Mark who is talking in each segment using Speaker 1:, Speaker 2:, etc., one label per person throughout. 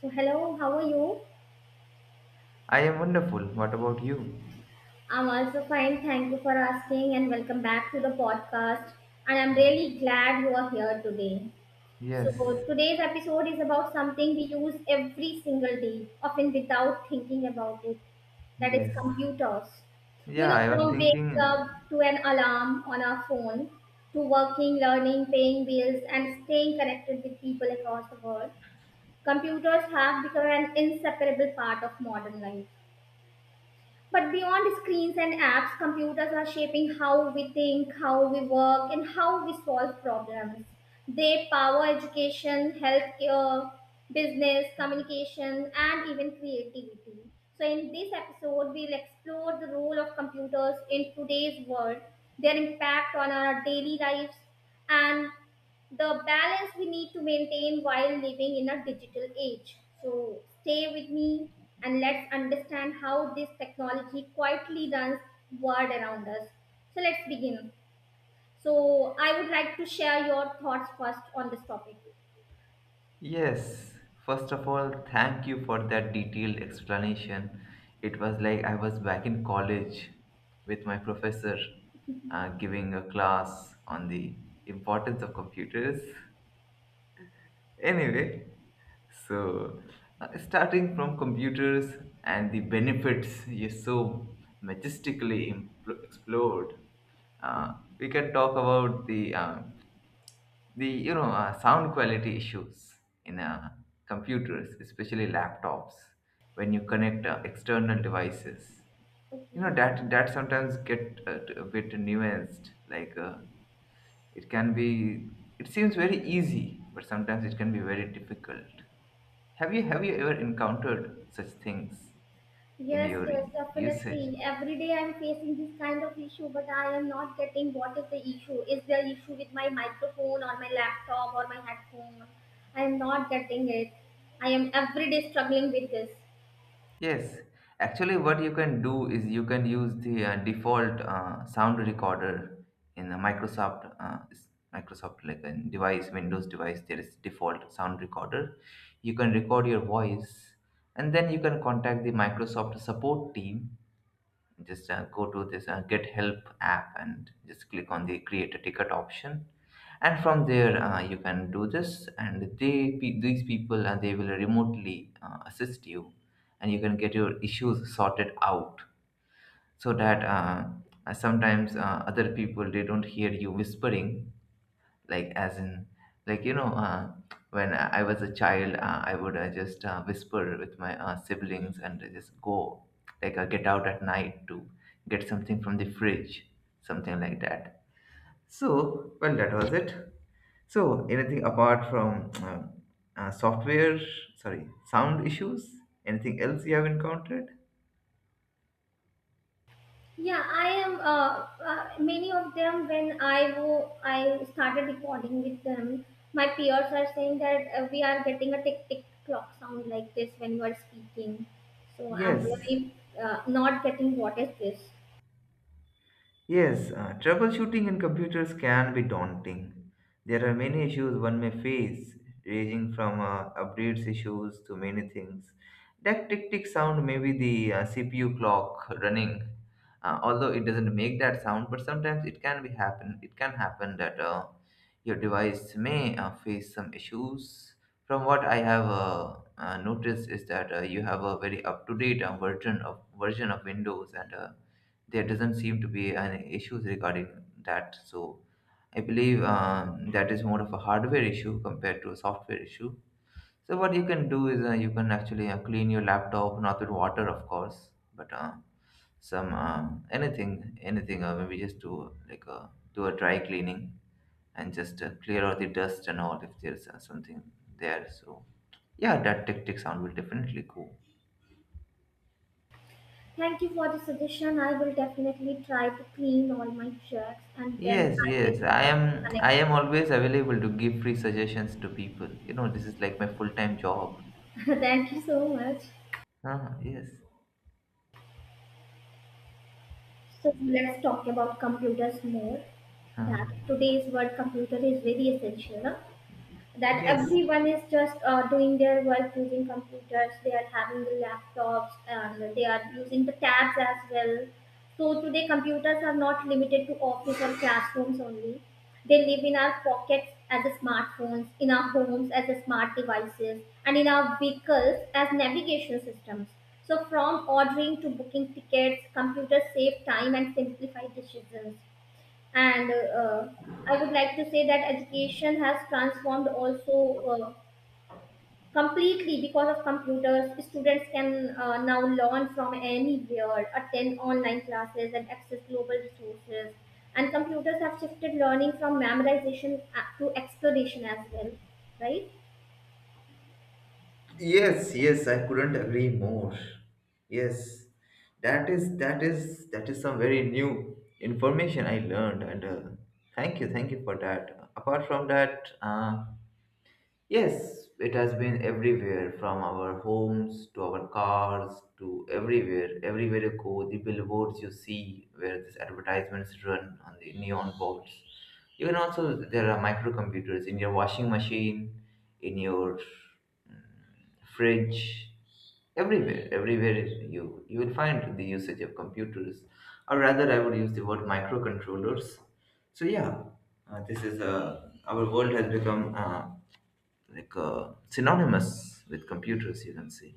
Speaker 1: So, hello, how are you?
Speaker 2: I am wonderful. What about you?
Speaker 1: I'm also fine. Thank you for asking, and welcome back to the podcast. And I'm
Speaker 2: Um,
Speaker 1: really glad you are here today. So,
Speaker 2: yes,
Speaker 1: today's episode is about something we use every single day, often without thinking about it. That is
Speaker 2: yes.
Speaker 1: computers. You
Speaker 2: Yeah,
Speaker 1: know,
Speaker 2: I was
Speaker 1: from waking
Speaker 2: thinking,
Speaker 1: up to an alarm on our phone, to working, learning, paying bills, and staying connected with people across the world, computers have become an inseparable part of modern life. But beyond screens and apps, computers are shaping how we think, how we work, and how we solve problems. They power education, healthcare, business, communication, and even creativity. So, in this episode, we'll explore the role of computers in today's world, their impact on our daily lives, and the balance we need to maintain while living in a digital age. So stay with me and let's understand how this technology quietly runs world around us. So let's begin. So I would like to share your thoughts first on this topic.
Speaker 2: yes. First of all, thank you for that detailed explanation. It was like I was back in college with my professor giving a class on the importance of computers. Anyway, so starting from computers and the benefits you so majestically explored, uh, we can talk about the sound quality issues in computers, especially laptops, when you connect external devices. You know
Speaker 1: Okay.
Speaker 2: that sometimes get a bit nuanced, like. It can be it seems very easy, but sometimes it can be very difficult. Have you ever encountered such things in
Speaker 1: Yes,
Speaker 2: your
Speaker 1: yes,
Speaker 2: usage?
Speaker 1: definitely. Every day I'm facing this kind of issue, but I am not getting what is the issue. Is there issue with my microphone or my laptop or my headphone? I am not getting it. I am every day struggling with this.
Speaker 2: Yes, actually, what you can do is you can use the default sound recorder in the Microsoft Microsoft, like a device Windows device. There is default sound recorder. You can record your voice, and then you can contact the Microsoft support team. Just go to this get help app and just click on the create a ticket option, and from there you can do this, and these people they will remotely assist you and you can get your issues sorted out, so that sometimes other people they don't hear you whispering, like, as in, like, when I was a child, I would just whisper with my siblings and just go, like, get out at night to get something from the fridge, something like that. So well, that was it. So anything apart from software, sorry, sound issues, anything else you have encountered?
Speaker 1: Yeah, I am. Many of them, when I started recording with them, my peers are saying that we are getting a tick tick clock sound like this when you are speaking. So I'm
Speaker 2: Yes.
Speaker 1: really not getting what is this.
Speaker 2: Yes, troubleshooting in computers can be daunting. There are many issues one may face, ranging from updates issues to many things. That tick tick sound may be the CPU clock running, although it doesn't make that sound. But sometimes it can be happen. It can happen that your device may face some issues. From what I have noticed is that you have a very up to date version of Windows. And. There doesn't seem to be an issues regarding that. So I believe that is more of a hardware issue compared to a software issue. So what you can do is you can actually clean your laptop, not with water, of course, but some, anything. Maybe just do, like, do a dry cleaning and just clear out the dust and all, if there's something there. So yeah, that tactic sound will definitely go.
Speaker 1: Thank you for the suggestion. I will definitely try to clean all my shirts and then
Speaker 2: Yes,
Speaker 1: I will
Speaker 2: yes. I
Speaker 1: just
Speaker 2: am I
Speaker 1: connect.
Speaker 2: am always available to give free suggestions to people. You know, this is like my full-time job.
Speaker 1: Thank you so much.
Speaker 2: Ah, yes.
Speaker 1: So let's talk about computers more.
Speaker 2: Ah.
Speaker 1: That today's word computer is very essential, huh? That
Speaker 2: Yes.
Speaker 1: everyone is just doing their work using computers. They are having the laptops and they are using the tabs as well. So today computers are not limited to office or classrooms only. They live in our pockets as a smartphones, in our homes as a smart devices, and in our vehicles as navigation systems. So from ordering to booking tickets, computers save time and simplify decisions. And I would like to say that education has transformed also uh, completely. Because of computers, students can now learn from anywhere, attend online classes, and access global resources. And computers have shifted learning from memorization to exploration as well, right?
Speaker 2: Yes, yes, I couldn't agree more. Yes. That is some very new information I learned, and thank you for that. Apart from that, yes, it has been everywhere, from our homes to our cars to everywhere. Everywhere you go, the billboards you see where these advertisements run on the neon boards. You can also, there are microcomputers in your washing machine, in your mm, fridge, everywhere. Everywhere you will find the usage of computers, or rather, I would use the word microcontrollers. So, yeah, this is, our world has become, like, synonymous with computers, you can say.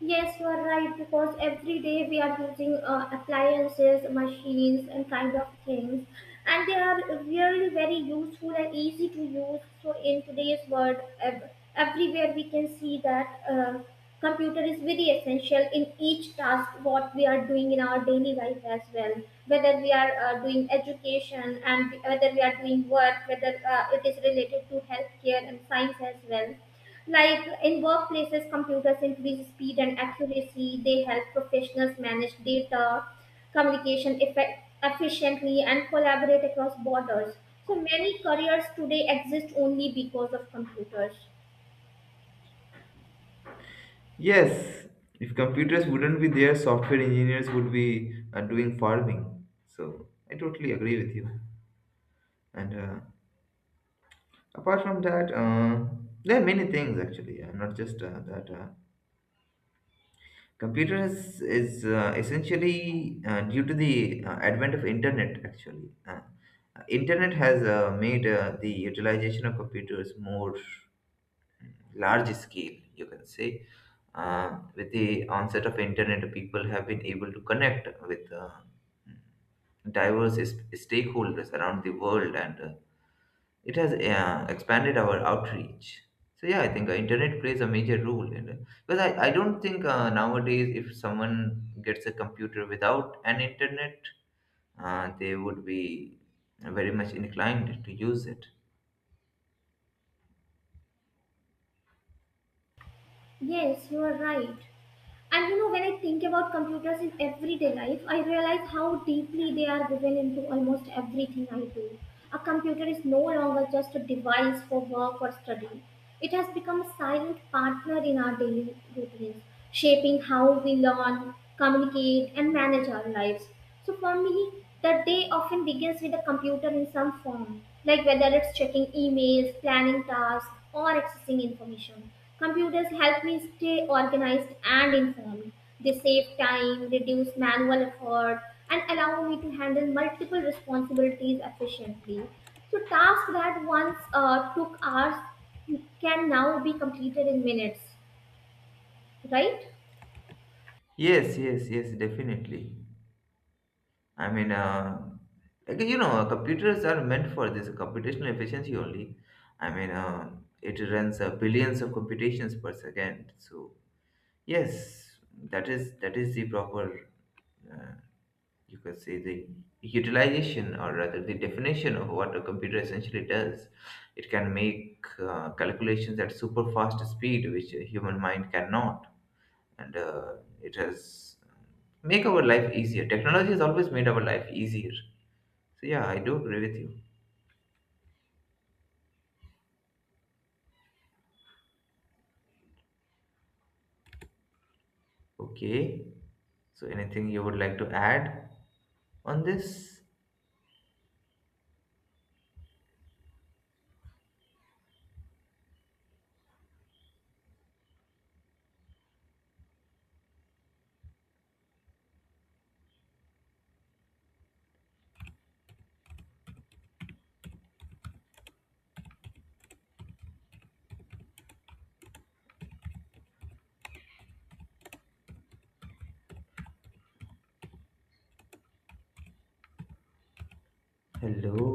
Speaker 1: Yes, you are right, because every day we are using appliances, machines, and kind of things, and they are really very useful and easy to use. So in today's world, everywhere we can see that computer is very essential in each task what we are doing in our daily life as well. Whether we are doing education, and whether we are doing work, whether it is related to healthcare and science as well. Like in workplaces, computers increase speed and accuracy. They help professionals manage data, communication effect, efficiently, and collaborate across borders. So many careers today exist only because of computers.
Speaker 2: Yes, if computers wouldn't be there, software engineers would be doing farming. So I totally agree with you. And apart from that, there are many things actually, not just that. Computers is essentially due to the advent of internet actually. Internet has made the utilization of computers more large scale, you can say. With the onset of internet, people have been able to connect with diverse stakeholders around the world, and it has expanded our outreach. So yeah, I think internet plays a major role in it. Because I don't think nowadays if someone gets a computer without an internet, they would be very much inclined to use it.
Speaker 1: Yes, you are right. And you know, when I think about computers in everyday life, I realize how deeply they are woven into almost everything I do. A computer is no longer just a device for work or study, it has become a silent partner in our daily routines, shaping how we learn, communicate, and manage our lives. So for me, the day often begins with a computer in some form, like whether it's checking emails, planning tasks, or accessing information. Computers help me stay organized and informed. They save time, reduce manual effort, and allow me to handle multiple responsibilities efficiently. So tasks that once took hours can now be completed in minutes, right?
Speaker 2: Yes, yes, yes, definitely. I mean, like, you know, computers are meant for this computational efficiency only. I mean, it runs billions of computations per second. So yes, that is the proper, uh, you could say, the utilization, or rather the definition of what a computer essentially does. It can make calculations at super fast speed, which a human mind cannot, and it has make our life easier. Technology has always made our life easier, so yeah, I do agree with you. Okay. So anything you would like to add on this? Hello.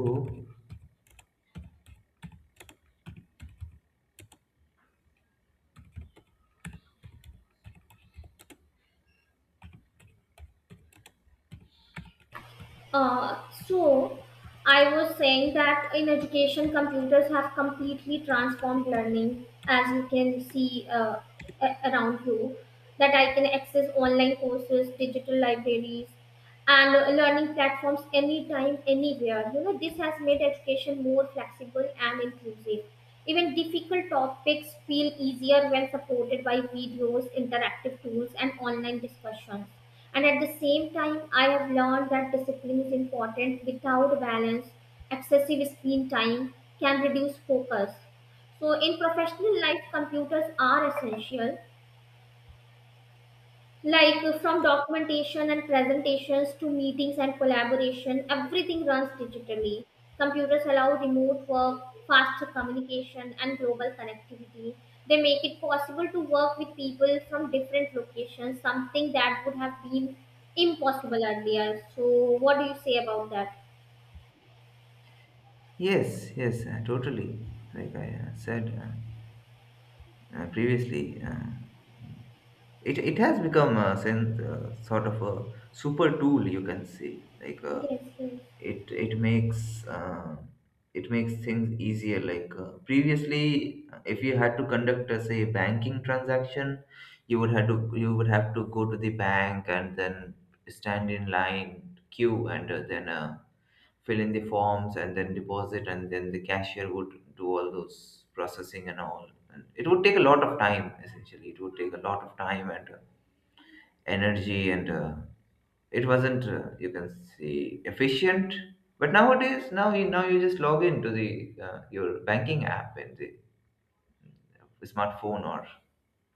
Speaker 1: So, I was saying that in education, computers have completely transformed learning, as you can see around you. That I can access online courses, digital libraries, and learning platforms anytime, anywhere. You know, this has made education more flexible and inclusive. Even difficult topics feel easier when supported by videos, interactive tools, and online discussions. And at the same time, I have learned that discipline is important. Without balance, excessive screen time can reduce focus. So, in professional life, computers are essential, like from documentation and presentations to meetings and collaboration, everything runs digitally. Computers allow remote work, faster communication, and global connectivity. They make it possible to work with people from different locations, something that would have been impossible earlier. So, what do you say about that?
Speaker 2: Yes, yes, totally. Like I said, previously, it has become a sense, sort of a super tool, you can say, like a,
Speaker 1: Yes, yes.
Speaker 2: it makes, it makes things easier. Like, previously, if you had to conduct, say, banking transaction, you would have to, go to the bank and then stand in line queue, and then fill in the forms and then deposit, and then the cashier would do all those processing and all, and it would take a lot of time. Essentially, it would take a lot of time and energy, and it wasn't you can say efficient. But nowadays, now you just log into the your banking app in the smartphone or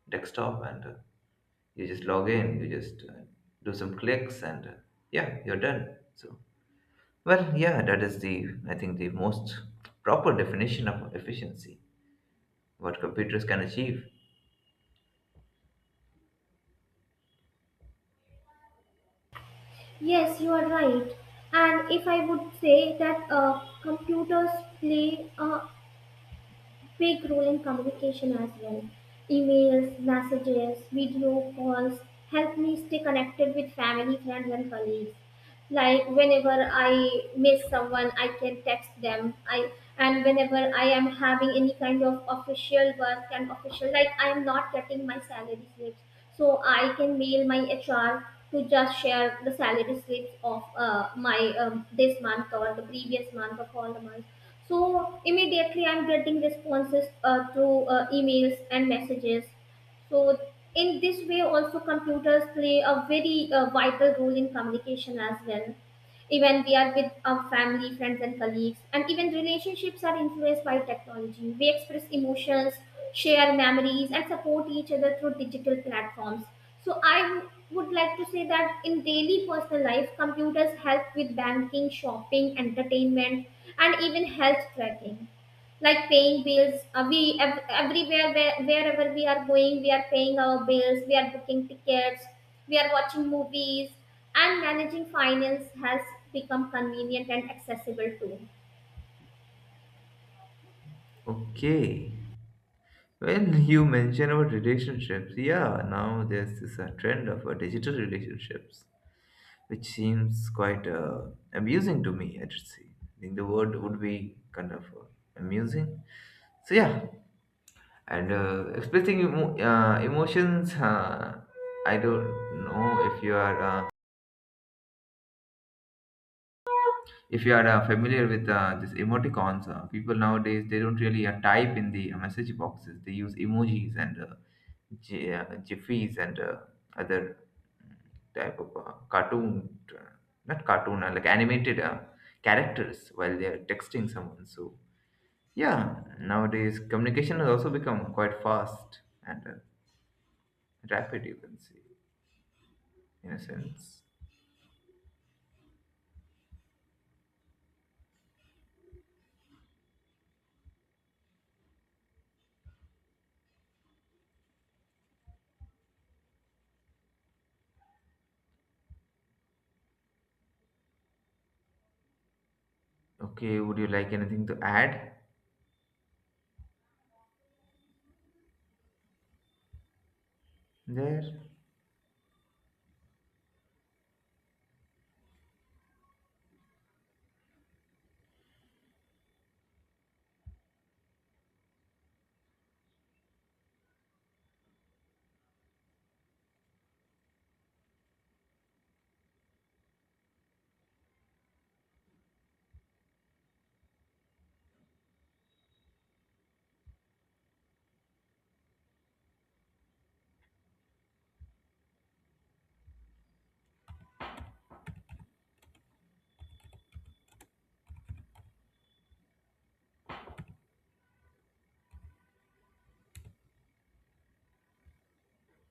Speaker 2: desktop, and you just log in, you just do some clicks, and yeah, you're done. So well, yeah, that is the, I think, the most proper definition of efficiency, what computers can achieve.
Speaker 1: Yes, you are right. And if I would say that computers play a big role in communication as well. Emails, messages, video calls help me stay connected with family, friends, and colleagues. Like whenever I miss someone I can text them. I and whenever I am having any kind of official work and official, like I am not getting my salary slips, so I can mail my HR to just share the salary slips of my this month or the previous month of all the months. So immediately I'm getting responses through emails and messages. So in this way, also computers play a very vital role in communication as well. Even we are with our family, friends, and colleagues, and even relationships are influenced by technology. We express emotions, share memories, and support each other through digital platforms. So would like to say that in daily personal life, computers help with banking, shopping, entertainment, and even health tracking. Like paying bills, everywhere where, wherever we are going, we are paying our bills, we are booking tickets, we are watching movies, and managing finance has become convenient and accessible too.
Speaker 2: Okay. When you mention about relationships, yeah, now there's this trend of digital relationships, which seems quite amusing to me, I'd say. I think the word would be kind of amusing. So, yeah, and expressing emotions, I don't know if you are. If you are familiar with this emoticons, people nowadays they don't really type in the message boxes. They use emojis and Jiffies and other type of cartoon, not cartoon, like animated characters while they are texting someone. So yeah, nowadays communication has also become quite fast and rapid, you can say, in a sense. Okay, would you like anything to add there?